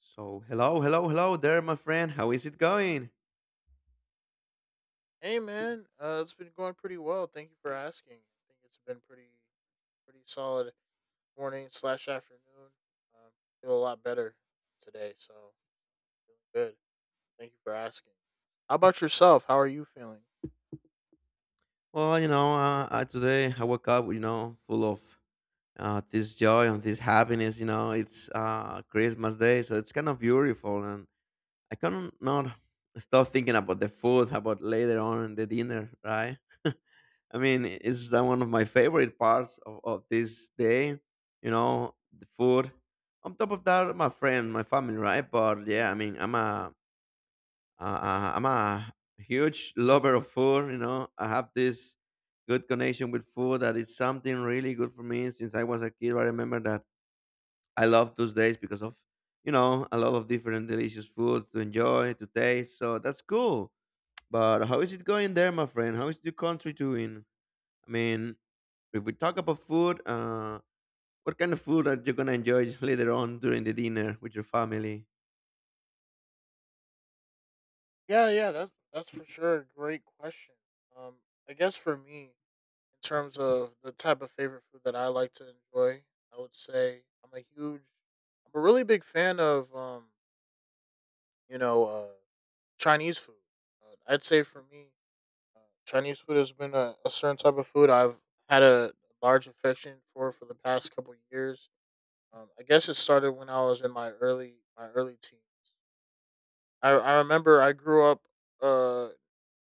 So, hello, hello, hello there, my friend. How is it going? Hey man, it's been going pretty well. Thank you for asking. I think it's been pretty solid morning slash afternoon. Um, feel a lot better today, so feeling good. Thank you for asking. How about yourself? How are you feeling? Well, you know, today I woke up, you know, full of this joy and this happiness. You know, it's Christmas Day, so it's kind of beautiful, and I cannot stop thinking about the food, about later on the dinner, right? I mean, it's the one of my favorite parts of this day. You know, the food. On top of that, my friend, my family, right? But yeah, I mean, I'm a huge lover of food. You know, I have this good connection with food that is something really good for me since I was a kid. I remember that I love those days because of, you know, a lot of different delicious food to enjoy to taste. So that's cool. But how is it going there, my friend? How is the country doing? I mean, if we talk about food, what kind of food are you gonna enjoy later on during the dinner with your family? Yeah, yeah, that's for sure a great question. Um, I guess for me, in terms of the type of favorite food that I like to enjoy, I would say I'm a really big fan of you know, uh, Chinese food. I'd say for me, Chinese food has been a certain type of food I've had a large affection for the past couple years. I guess it started when I was in my early teens. I remember I grew up uh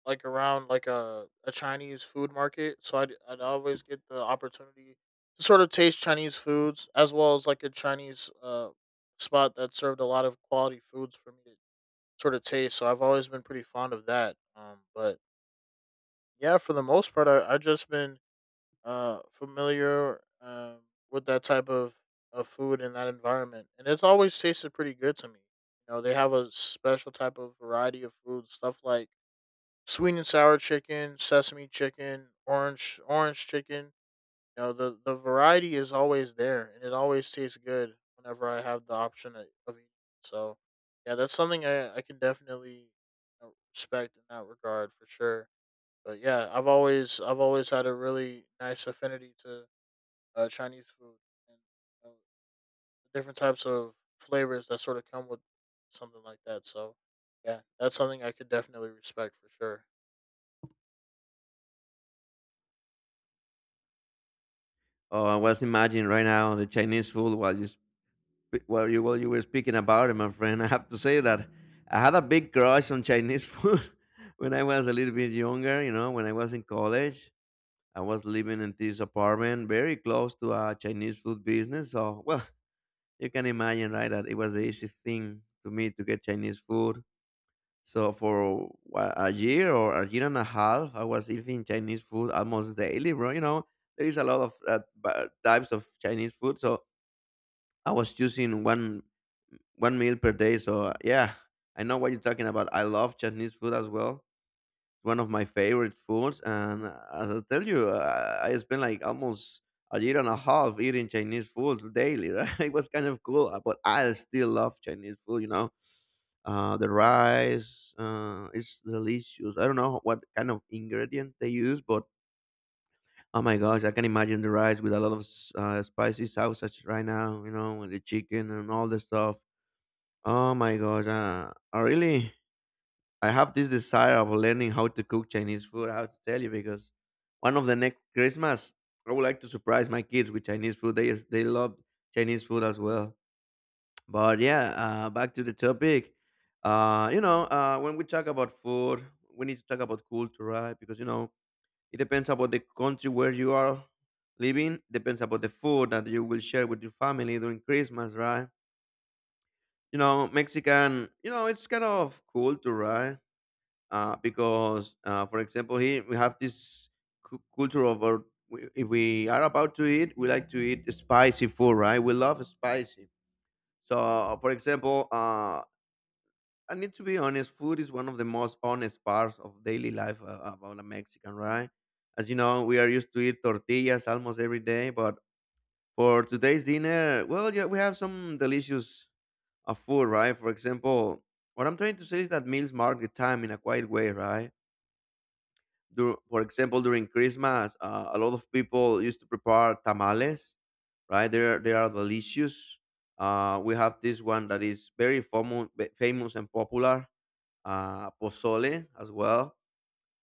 like around like a Chinese food market, so I'd always get the opportunity to sort of taste Chinese foods as well as like a Chinese spot that served a lot of quality foods for me to sort of taste. So I've always been pretty fond of that. But yeah, for the most part, I just been familiar with that type of food in that environment, and it's always tasted pretty good to me. You know, they have a special type of variety of food, stuff like sweet and sour chicken, sesame chicken, orange chicken. You know, the variety is always there, and it always tastes good whenever I have the option of eating. So yeah, that's something I can definitely, you know, respect in that regard for sure. But yeah, I've always had a really nice affinity to Chinese food and you the different types of flavors that sort of come with something like that. So, yeah, that's something I could definitely respect for sure. Oh, I was imagining right now the Chinese food was just. Well, you were speaking about it, my friend. I have to say that I had a big crush on Chinese food when I was a little bit younger. You know, when I was in college, I was living in this apartment very close to a Chinese food business. So, well, you can imagine, right, that it was the easy thing to me to get Chinese food. So for a year or a year and a half, I was eating Chinese food almost daily, bro. You know, there is a lot of types of Chinese food, so I was choosing one meal per day. So yeah, I know what you're talking about. I love Chinese food as well. It's one of my favorite foods, and as I tell you, I spent like almost a year and a half eating Chinese food daily. Right, it was kind of cool, but I still love Chinese food. You know, the rice, it's delicious. I don't know what kind of ingredient they use, but oh my gosh, I can imagine the rice with a lot of spicy sausage right now. You know, and the chicken and all the stuff. Oh my gosh. I really, I have this desire of learning how to cook Chinese food. I have to tell you because one of the next Christmas, I would like to surprise my kids with Chinese food. They love Chinese food as well. But yeah, back to the topic. You know, when we talk about food, we need to talk about culture, right? Because you know, it depends about the country where you are living. Depends about the food that you will share with your family during Christmas, right? You know, Mexican, you know, it's kind of culture, right? Because for example, here we have this culture of our, if we are about to eat, we like to eat spicy food, right? We love spicy. So for example, I need to be honest, food is one of the most honest parts of daily life about a Mexican, right? As you know, we are used to eat tortillas almost every day, but for today's dinner, well, yeah, we have some delicious of food, right? For example, what I'm trying to say is that meals mark the time in a quiet way, right? For example, during Christmas, a lot of people used to prepare tamales, right? They are delicious. We have this one that is very famous and popular, pozole as well.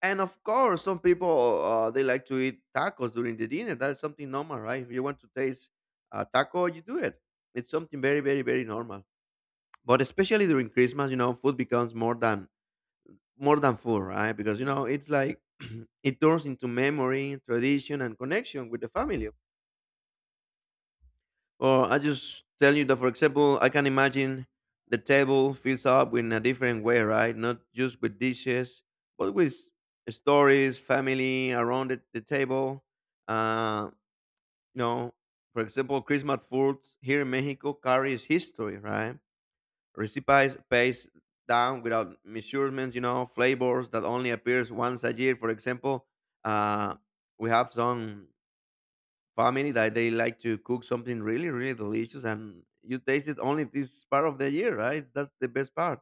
And of course, some people they like to eat tacos during the dinner. That is something normal, right? If you want to taste a taco, you do it. It's something very, very, very normal. But especially during Christmas, you know, food becomes more than food, right? Because you know, it's like it turns into memory, tradition, and connection with the family. Or I just tell you that, for example, I can imagine the table fills up in a different way, right? Not just with dishes, but with stories, family around the table. Uh, you know, for example, Christmas foods here in Mexico carries history, right? Recipes paste down without measurements, you know, flavors that only appears once a year. For example, uh, we have some family that they like to cook something really, really delicious, and you taste it only this part of the year, right? That's the best part.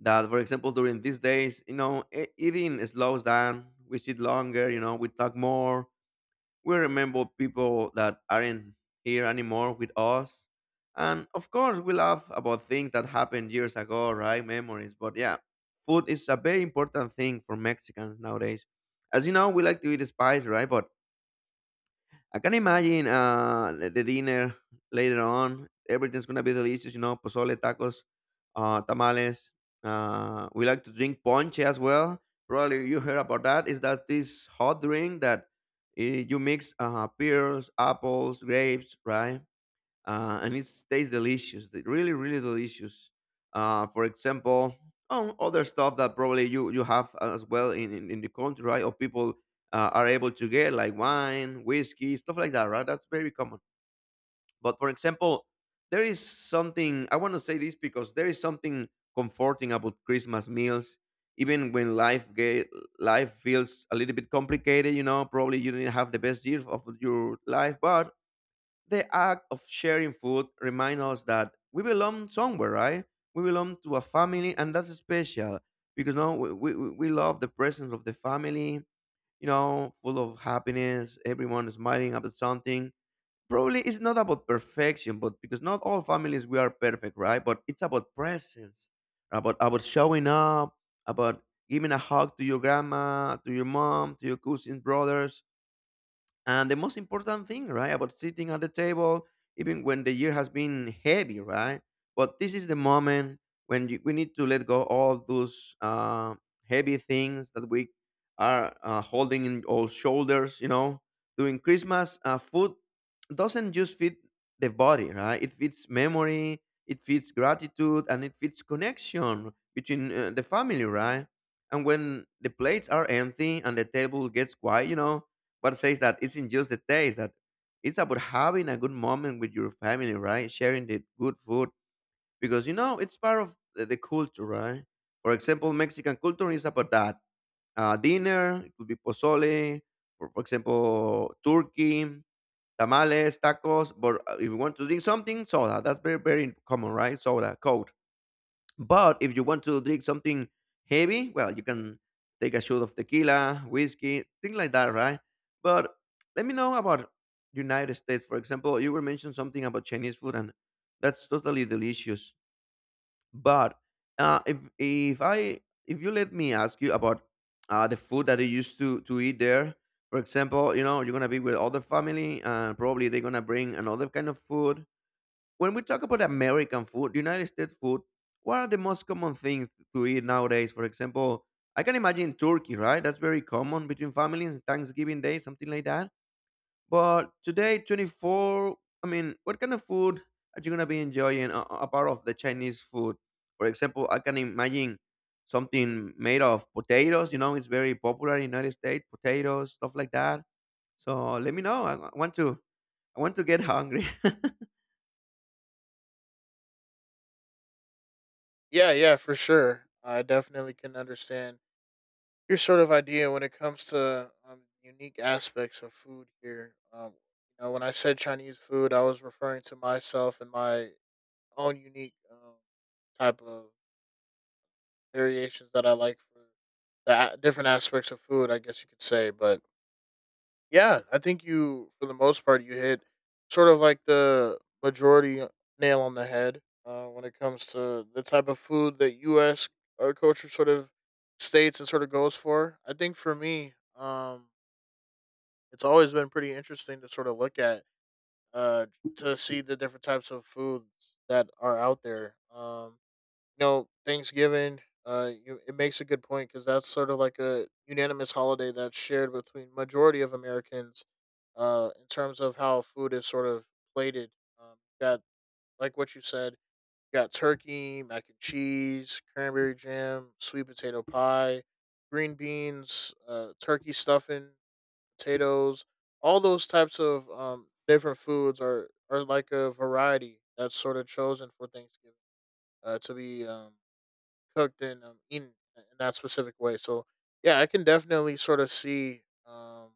That, for example, during these days, you know, eating slows down. We sit longer, you know, we talk more, we remember people that aren't here anymore with us. And of course, we laugh about things that happened years ago, right? Memories. But yeah, food is a very important thing for Mexicans nowadays. As you know, we like to eat spice, right? But I can imagine the dinner later on. Everything's gonna be delicious, you know, pozole, tacos, tamales. We like to drink ponche as well. Probably you heard about that. Is that this hot drink that you mix pears, apples, grapes, right? And it tastes delicious. Really, really delicious. For example, oh, other stuff that probably you have as well in in the country, right? Or people are able to get like wine, whiskey, stuff like that, right? That's very common. But for example, there is something I want to say this because there is something comforting about Christmas meals. Even when life feels a little bit complicated, you know, probably you didn't have the best year of your life, but the act of sharing food reminds us that we belong somewhere, right? We belong to a family, and that's special because no, we love the presence of the family, you know, full of happiness, everyone is smiling about something. Probably it's not about perfection, but because not all families we are perfect, right? But it's about presence, about showing up, about giving a hug to your grandma, to your mom, to your cousins, brothers, and the most important thing, right, about sitting at the table, even when the year has been heavy, right? But this is the moment when we need to let go all those heavy things that we are holding in our shoulders, you know. During Christmas, food doesn't just fit the body, right? It fits memory, it fits gratitude, and it fits connection between the family, right? And when the plates are empty and the table gets quiet, you know, what says that it's in just the taste that it's about having a good moment with your family, right? Sharing the good food because you know it's part of the culture, right? For example, Mexican culture is about that dinner. It could be pozole, or for example, turkey, tamales, tacos. But if you want to drink something, soda. That's very very common, right? Soda, Coke. But if you want to drink something heavy, well, you can take a shot of tequila, whiskey, things like that, right? But let me know about United States, for example. You were mentioning something about Chinese food, and that's totally delicious. But uh, if if I if you let me ask you about the food that they used to eat there, for example, you know you're gonna be with other family, and probably they're gonna bring another kind of food when we talk about American food, United States food, what are the most common things to eat nowadays? For example, I can imagine turkey, right? That's very common between families, Thanksgiving Day, something like that. But today, 24th, I mean, what kind of food are you going to be enjoying apart of the Chinese food? For example, I can imagine something made of potatoes. You know, it's very popular in United States, potatoes, stuff like that. So let me know. I want to, I want to get hungry. Yeah, yeah, for sure. I definitely can understand your sort of idea when it comes to unique aspects of food here. You know, when I said Chinese food, I was referring to myself and my own unique type of variations that I like for the a- different aspects of food, I guess you could say. But yeah, I think you, for the most part, you hit sort of like the majority nail on the head when it comes to the type of food that U.S. our culture sort of states and sort of goes for. I think for me, it's always been pretty interesting to sort of look at uh, to see the different types of foods that are out there. You know, Thanksgiving. You, it makes a good point because that's sort of like a unanimous holiday that's shared between majority of Americans. In terms of how food is sort of plated, um, got like what you said, got turkey, mac and cheese, cranberry jam, sweet potato pie, green beans, turkey stuffing, potatoes. All those types of different foods are like a variety that's sort of chosen for Thanksgiving to be cooked and eaten in that specific way. So yeah, I can definitely sort of see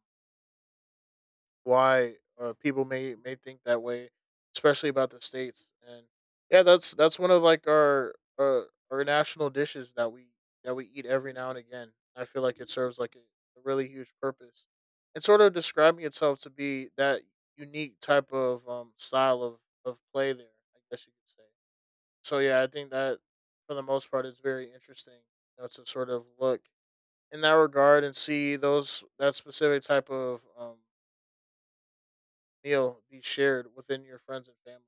why people may think that way, especially about the states. And yeah, that's one of like our national dishes that we eat every now and again. I feel like it serves like a really huge purpose. It's sort of describing itself to be that unique type of style of play there, I guess you could say. So yeah, I think that for the most part it's very interesting, you know, to sort of look in that regard and see those that specific type of meal be shared within your friends and family.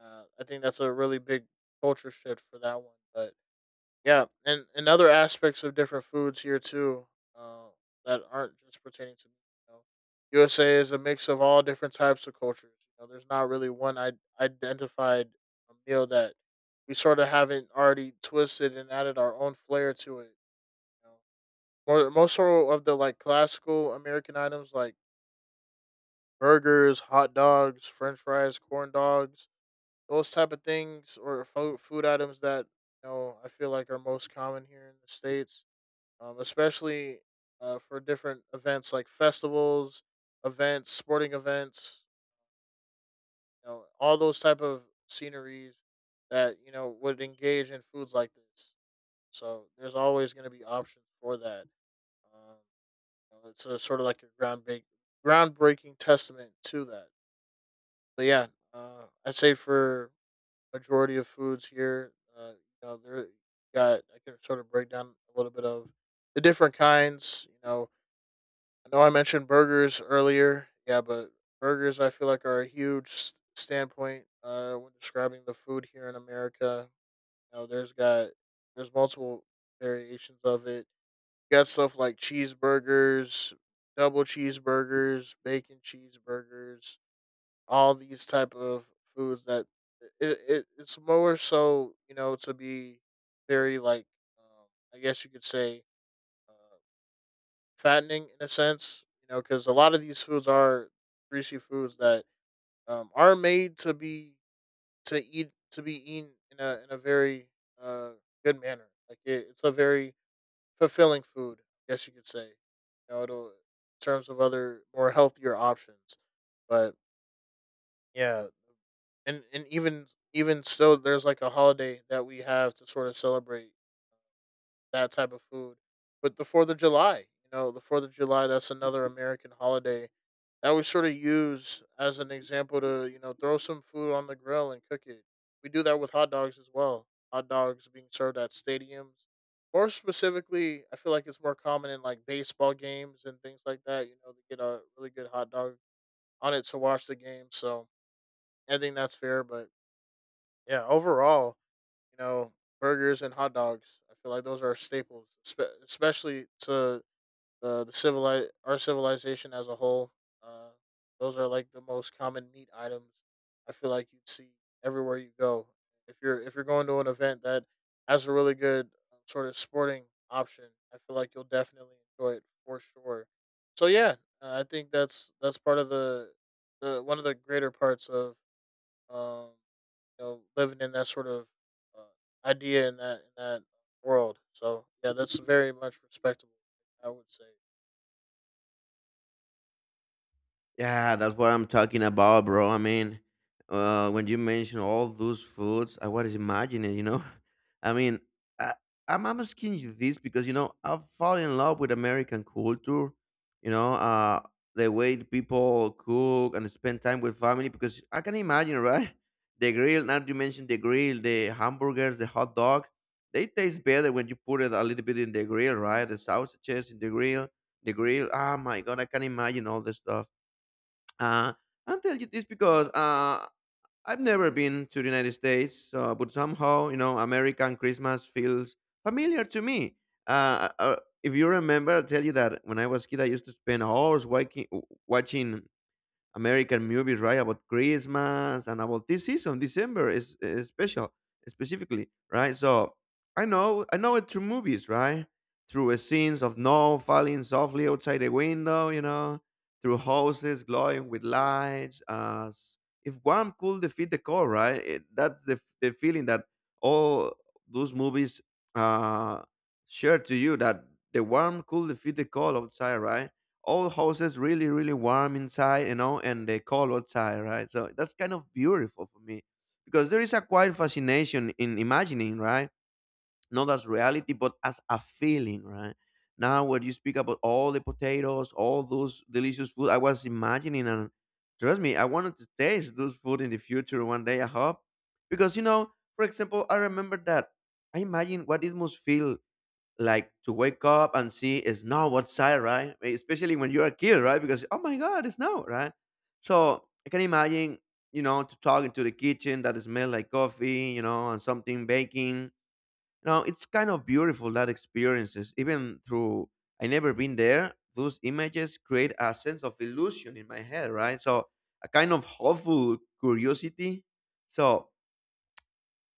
I think that's a really big culture shift for that one. But yeah, and other aspects of different foods here too, uh, that aren't just pertaining to me. You know, USA is a mix of all different types of cultures. You know, there's not really one identified a meal that we sort of haven't already twisted and added our own flair to it. You know, more most sort of the like classical American items like burgers, hot dogs, French fries, corn dogs, those type of things, or food items that you know I feel like are most common here in the states, especially for different events like festivals, events, sporting events, you know, all those type of sceneries that you know would engage in foods like this. So there's always going to be options for that. Um, you know, it's sort of like a groundbreaking testament to that. But yeah, I'd say for majority of foods here, uh, you know, there got I can sort of break down a little bit of the different kinds. You know I mentioned burgers earlier. Yeah, but burgers I feel like are a huge standpoint when describing the food here in America. You know, there's multiple variations of it. You got stuff like cheeseburgers, double cheeseburgers, bacon cheeseburgers, all these type of foods that it's more so you know to be very like um, I guess you could say. uh fattening in a sense, you know, because a lot of these foods are greasy foods that are made to be to be eaten in a very uh, good manner. Like it, it's a very fulfilling food, I guess you could say. You know, it'll, in terms of other more healthier options, but yeah, and even even so, there's like a holiday that we have to sort of celebrate that type of food. But the 4th of July, you know, the 4th of July, that's another American holiday that we sort of use as an example to, you know, throw some food on the grill and cook it. We do that with hot dogs as well. Hot dogs being served at stadiums. More specifically, I feel like it's more common in like baseball games and things like that. You know, to get a really good hot dog on it to watch the game. So I think that's fair. But yeah, overall, you know, burgers and hot dogs. I feel like those are staples, especially to our civilization as a whole. Uh, those are like the most common meat items. I feel like you'd see everywhere you go. If you're going to an event that has a really good sort of sporting option, I feel like you'll definitely enjoy it for sure. So yeah, I think that's part of the one of the greater parts of um you know, living in that sort of idea in that world. So yeah, that's very much respectable. I would say. Yeah, that's what I'm talking about, bro. I mean, when you mention all those foods, I was imagining, you know. I mean, I, I'm asking you this because, you know, I've fallen in love with American culture, you know, the way the people cook and spend time with family because I can imagine, right? The grill, now you mentioned the grill, the hamburgers, the hot dog, they taste better when you put it a little bit in the grill, right? The sausages in the grill, the grill. Oh my God, I can imagine all this stuff. uh, I tell you this because I've never been to the United States, so, but somehow you know American Christmas feels familiar to me. Uh, uh, if you remember, I'll tell you that when I was kid, I used to spend hours watching American movies, right? About Christmas and about this season, December is special, specifically, right? So I know it through movies, right? Through scenes of snow falling softly outside the window, you know, through houses glowing with lights. If warm could defeat the cold, right? That's the, the feeling that all those movies uh, share to you, that the warm could defeat the cold outside, right? All houses really, really warm inside, you know, and they cold outside, right? So that's kind of beautiful for me, because there is a quiet fascination in imagining, right? Not as reality but as a feeling, right? Now when you speak about all the potatoes, all those delicious food, I was imagining, and trust me, I wanted to taste those food in the future one day, I hope. Because you know, for example, I remember that I imagine what it must feel like to wake up and see it's snow outside, right? Especially when you're a kid, right? Because oh my god, it's snow, right? So I can imagine, you know, to talk into the kitchen that smell like coffee, you know, and something baking. You know, it's kind of beautiful that experiences. Even through I never been there, those images create a sense of illusion in my head, right? So a kind of hopeful curiosity. So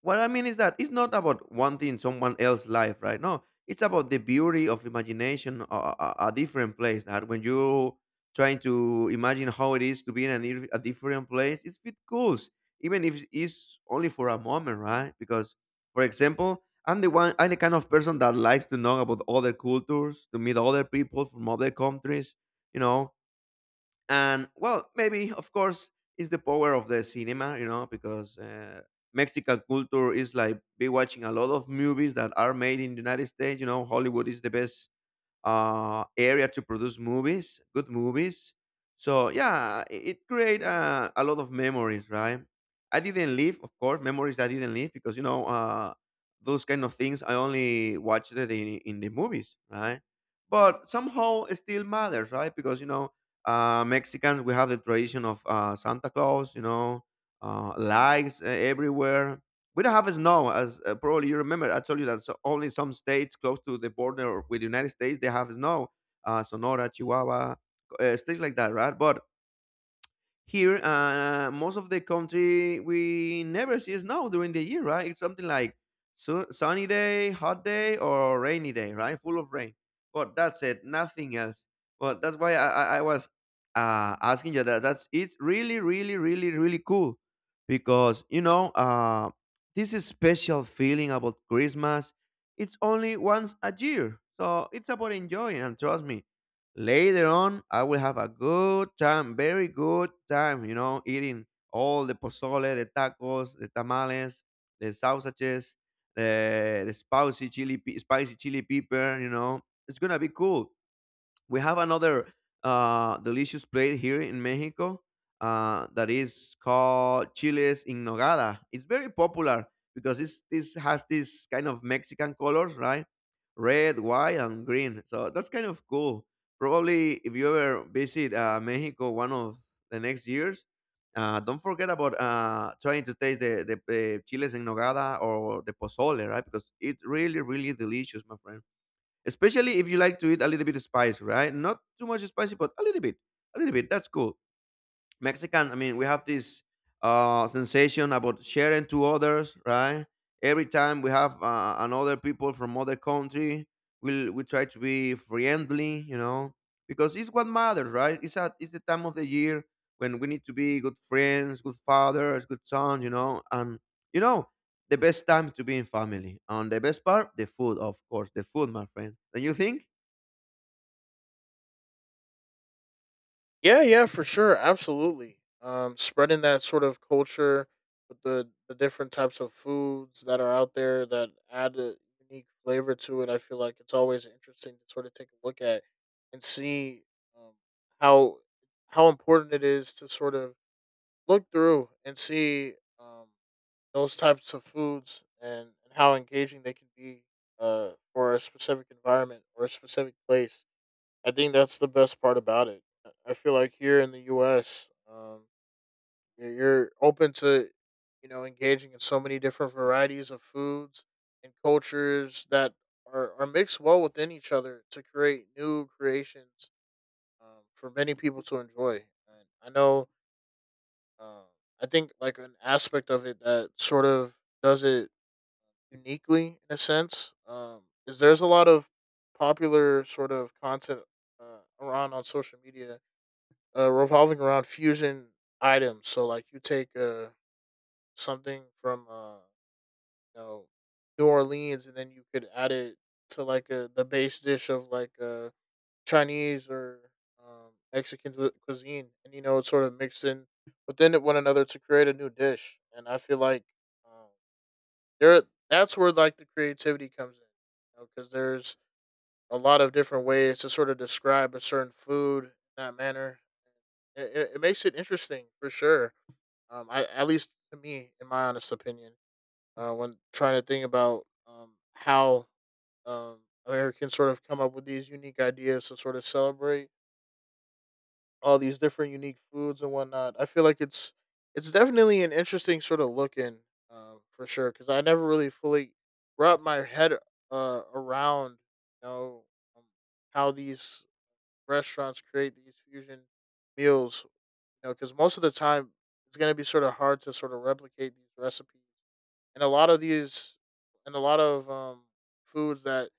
what I mean is that it's not about wanting someone else's life, right? No, it's about the beauty of imagination, a different place. That when you trying to imagine how it is to be in a different place, it's bit cool, even if it's only for a moment, right? Because, for example, I'm the kind of person that likes to know about other cultures, to meet other people from other countries, you know. And well, maybe of course it's the power of the cinema, you know, because Mexican culture is like be watching a lot of movies that are made in the United States. You know, Hollywood is the best area to produce movies, good movies. So yeah, it create a lot of memories, right? I didn't live, of course, memories I didn't live, because you know those kind of things. I only watched it in the movies, right? But somehow it still matters, right? Because Mexicans, we have the tradition of Santa Claus, you know, lights everywhere. We don't have snow, as probably you remember I told you that, so only some states close to the border with the United States, they have snow. Sonora, Chihuahua, states like that, right? But here, most of the country, we never see snow during the year, right? It's something like sunny day, hot day, or rainy day, right? Full of rain. But that's it, nothing else. But that's why I was asking you that. That's, it's really, really, really, really cool, because you know this is special feeling about Christmas. It's only once a year, so it's about enjoying. And trust me, later on, I will have a good time, very good time, you know, eating all the pozole, the tacos, the tamales, the sausages, the spicy chili, spicy chili pepper, you know. It's gonna be cool. We have another delicious plate here in Mexico that is called chiles in nogada. It's very popular because this has this kind of Mexican colors, right? Red, white, and green. So that's kind of cool. Probably if you ever visit Mexico one of the next years, don't forget about trying to taste the chiles en nogada or the pozole, right? Because it's really, really delicious, my friend, especially if you like to eat a little bit of spice, right? Not too much spicy, but a little bit, a little bit. That's cool. Mexican, I mean, we have this sensation about sharing to others, right? Every time we have another people from other country, we try to be friendly, you know, because it's what matters, right? It's the time of the year when we need to be good friends, good fathers, good sons, you know. And you know, the best time to be in family. And the best part, the food, of course, the food, my friend. Don't you think? Yeah, yeah, for sure, absolutely. Spreading that sort of culture with the different types of foods that are out there that add a unique flavor to it. I feel like it's always interesting to sort of take a look at and see um, how how important it is to sort of look through and see um, those types of foods and how engaging they can be for a specific environment or a specific place. I think that's the best part about it. I feel like here in the U.S., you're open to, you know, engaging in so many different varieties of foods and cultures that are mixed well within each other to create new creations for many people to enjoy. And I know, um, I think like an aspect of it that sort of does it uniquely in a sense. Is there's a lot of popular sort of content around on social media revolving around fusion items. So like you take something from you know New Orleans, and then you could add it to like the base dish of like Chinese or Mexican cuisine, and you know it's sort of mixed in within it one another to create a new dish. And I feel like. Um, there that's where like the creativity comes in because you know, there's a lot of different ways to sort of describe a certain food in that manner. It makes it interesting for sure. I, at least to me in my honest opinion, when trying to think about how um americans sort of come up with these unique ideas to sort of celebrate all these different unique foods and whatnot. I feel like it's definitely an interesting sort of look in, for sure, because I never really fully wrapped my head, around, you know um, how these restaurants create these fusion meals. You know, because most of the time it's going to be sort of hard to sort of replicate these recipes and a lot of these and a lot of foods that,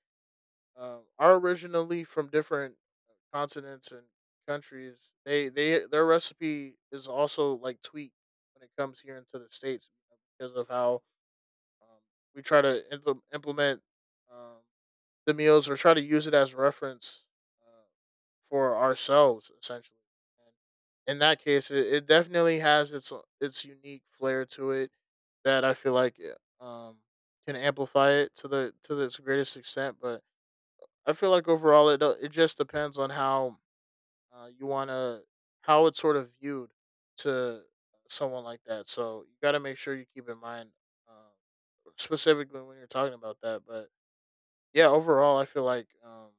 are originally from different, continents and countries. They their recipe is also like tweaked when it comes here into the states, you know, because of how, um, we try to implement, um, the meals or try to use it as reference, uh, for ourselves essentially. And in that case, it definitely has its unique flair to it that I feel like, um, can amplify it to the to its greatest extent. But I feel like overall it it just depends on how, you want to, how it's sort of viewed to someone like that. So you got to make sure you keep in mind, uh, specifically when you're talking about that. But yeah, overall, I feel like,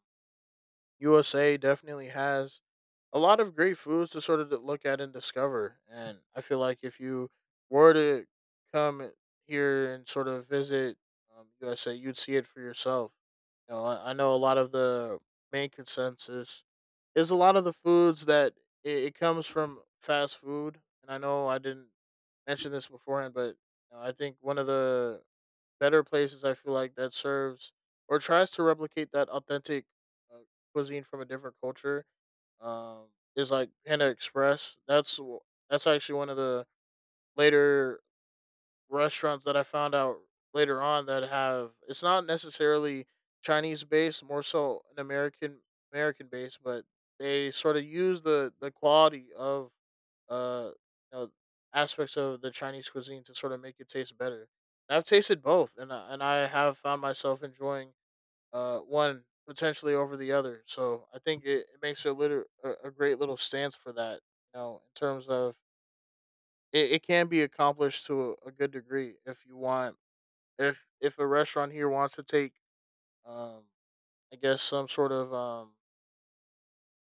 USA definitely has a lot of great foods to sort of look at and discover. And I feel like if you were to come here and sort of visit, USA, you'd see it for yourself. You know, I know a lot of the main consensus is a lot of the foods that it comes from fast food. And I know I didn't mention this beforehand, but you know, I think one of the better places I feel like that serves or tries to replicate that authentic, uh, cuisine from a different culture, um, is like Panda Express. That's actually one of the later restaurants that I found out later on that have, it's not necessarily Chinese based, more so an American, American based, but they sort of use the quality of, uh you know, aspects of the Chinese cuisine to sort of make it taste better. And I've tasted both, and I have found myself enjoying, one potentially over the other. So I think it makes a little a great little stance for that, you know, in terms of, it can be accomplished to a good degree. If you want, if a restaurant here wants to take, um I guess some sort of,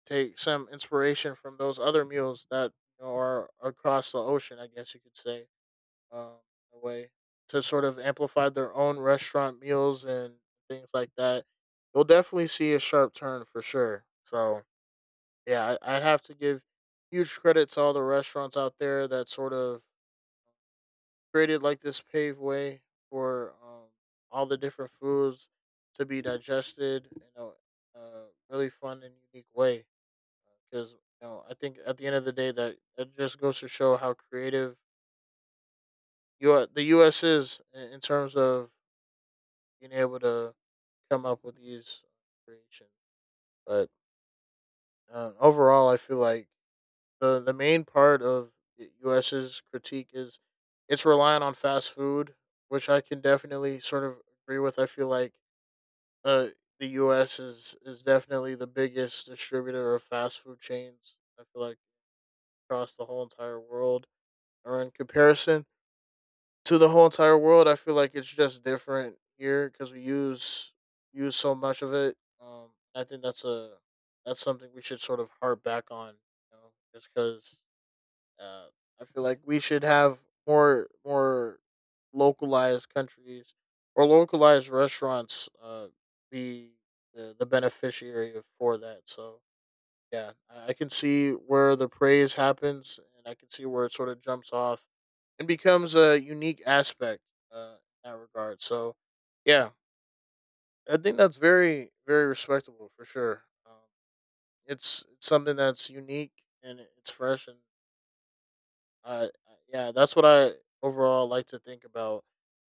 take some inspiration from those other meals that, you know, are across the ocean, I guess you could say, um in a way, to sort of amplify their own restaurant meals and things like that, you'll definitely see a sharp turn for sure. So yeah, I'd have to give huge credit to all the restaurants out there that sort of created like this paved way for, all the different foods to be digested in really fun and unique way. Because you know, I think at the end of the day, that just goes to show how creative you are, the U.S. is, in terms of being able to come up with these creations. But, overall, I feel like the main part of the US's critique is it's relying on fast food, which I can definitely sort of agree with. I feel like, uh the US is definitely the biggest distributor of fast food chains. I feel like across the whole entire world, or in comparison to the whole entire world, I feel like it's just different here, cuz we use so much of it. I think that's a that's something we should sort of harp back on, you know, just cuz, uh, I feel like we should have more localized countries or localized restaurants, be the beneficiary for that. So yeah, I can see where the praise happens, and I can see where it sort of jumps off and becomes a unique aspect, uh, in that regard. So yeah, I think that's very respectable for sure. It's something that's unique and it's fresh. And yeah, that's what I overall like to think about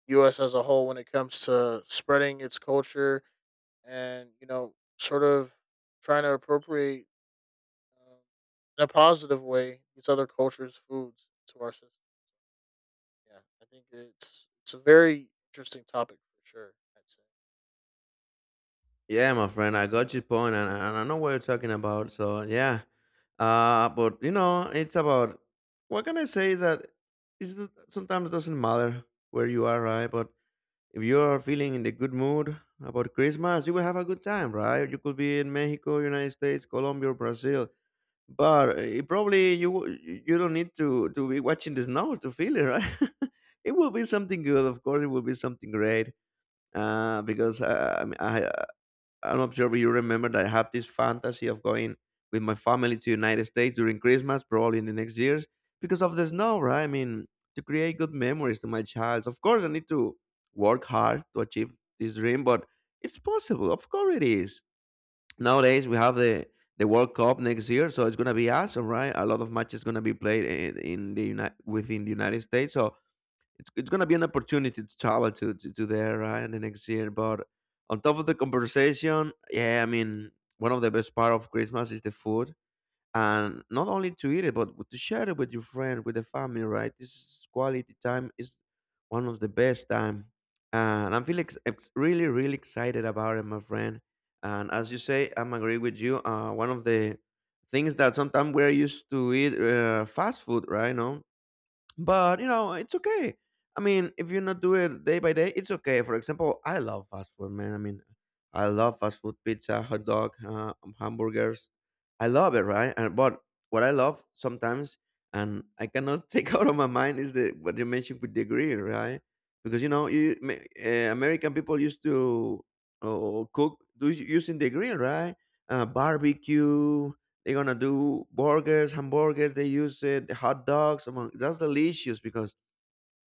U.S. as a whole when it comes to spreading its culture, and you know, sort of trying to appropriate, um, in a positive way, these other cultures' foods to our system. Yeah, I think it's a very interesting topic for sure, I'd say. Yeah, my friend, I got your point, and I know what you're talking about. So yeah, but you know, it's about what can I say, that is, sometimes doesn't matter where you are, right? But if you're feeling in the good mood about Christmas, you will have a good time, right? You could be in Mexico, United States, Colombia, or Brazil, but it probably you you don't need to be watching the snow to feel it, right? It will be something good, of course. It will be something great, because I mean, I am not sure if you remember that I have this fantasy of going with my family to United States during Christmas, probably in the next years, because of the snow, right? I mean, to create good memories to my child. Of course, I need to work hard to achieve this dream, but it's possible. Of course, it is. Nowadays, we have the World Cup next year, so it's gonna be awesome, right? A lot of matches gonna be played in the United within the United States, so it's gonna be an opportunity to travel to there, right, in the next year. But on top of the conversation, yeah, I mean, one of the best part of Christmas is the food, and not only to eat it, but to share it with your friend, with the family, right? This is quality time, is one of the best time, and I'm feeling really, really excited about it, my friend. And as you say, I'm agree with you. One of the things that sometimes we're used to eat fast food, right? No, but you know, it's okay. I mean, if you not do it day by day, it's okay. For example, I love fast food, man. I mean, I love fast food, pizza, hot dog, hamburgers. I love it, right? And but what I love sometimes, and I cannot take out of my mind, is the what you mentioned with the grill, right? Because you know, you American people used to using the grill, right? Barbecue, they're gonna do burgers, hamburgers. They use it, hot dogs. Among that's delicious because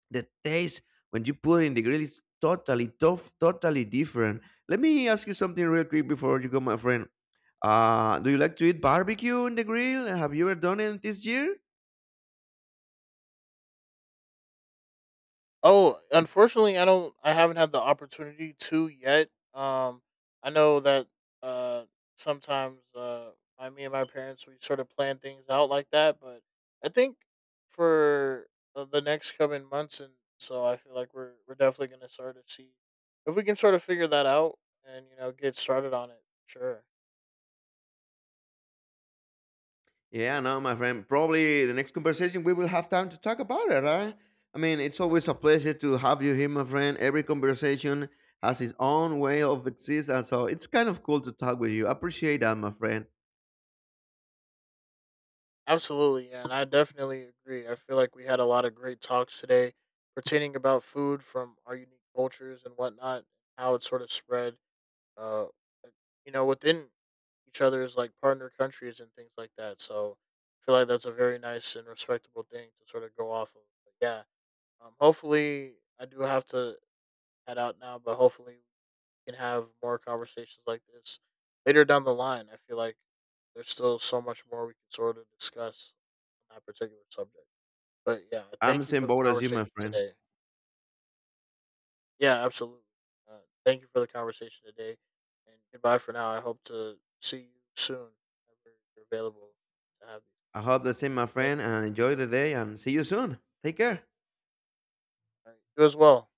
the taste when you put it in the grill is totally tough, totally different. Let me ask you something real quick before you go, my friend. Do you like to eat barbecue in the grill? Have you ever done it this year? Oh, unfortunately, I don't. I haven't had the opportunity to yet. I know that, uh, sometimes, my me and my parents, we sort of plan things out like that, but I think for, the next coming months, and so I feel like we're definitely gonna start to see if we can sort of figure that out and you know get started on it. Sure. Yeah, no, my friend. Probably the next conversation we will have time to talk about it, right? I mean, it's always a pleasure to have you here, my friend. Every conversation has its own way of existence, so it's kind of cool to talk with you. Appreciate that, my friend. Absolutely, yeah, and I definitely agree. I feel like we had a lot of great talks today, pertaining about food from our unique cultures and whatnot, how it sort of spread, uh, you know, within each other's like partner countries and things like that. So I feel like that's a very nice and respectable thing to sort of go off of. But yeah, hopefully, I do have to head out now, but hopefully we can have more conversations like this later down the line. I feel like there's still so much more we can sort of discuss that particular subject. But yeah, I'm the thank you for same the boat as you, my conversation friend. today. Yeah, absolutely. Thank you for the conversation today, and goodbye for now. I hope to see you soon, whenever you're available to have these. I hope the same, my Thank friend, you. and enjoy the day and see you soon. Take care. All right. You as well.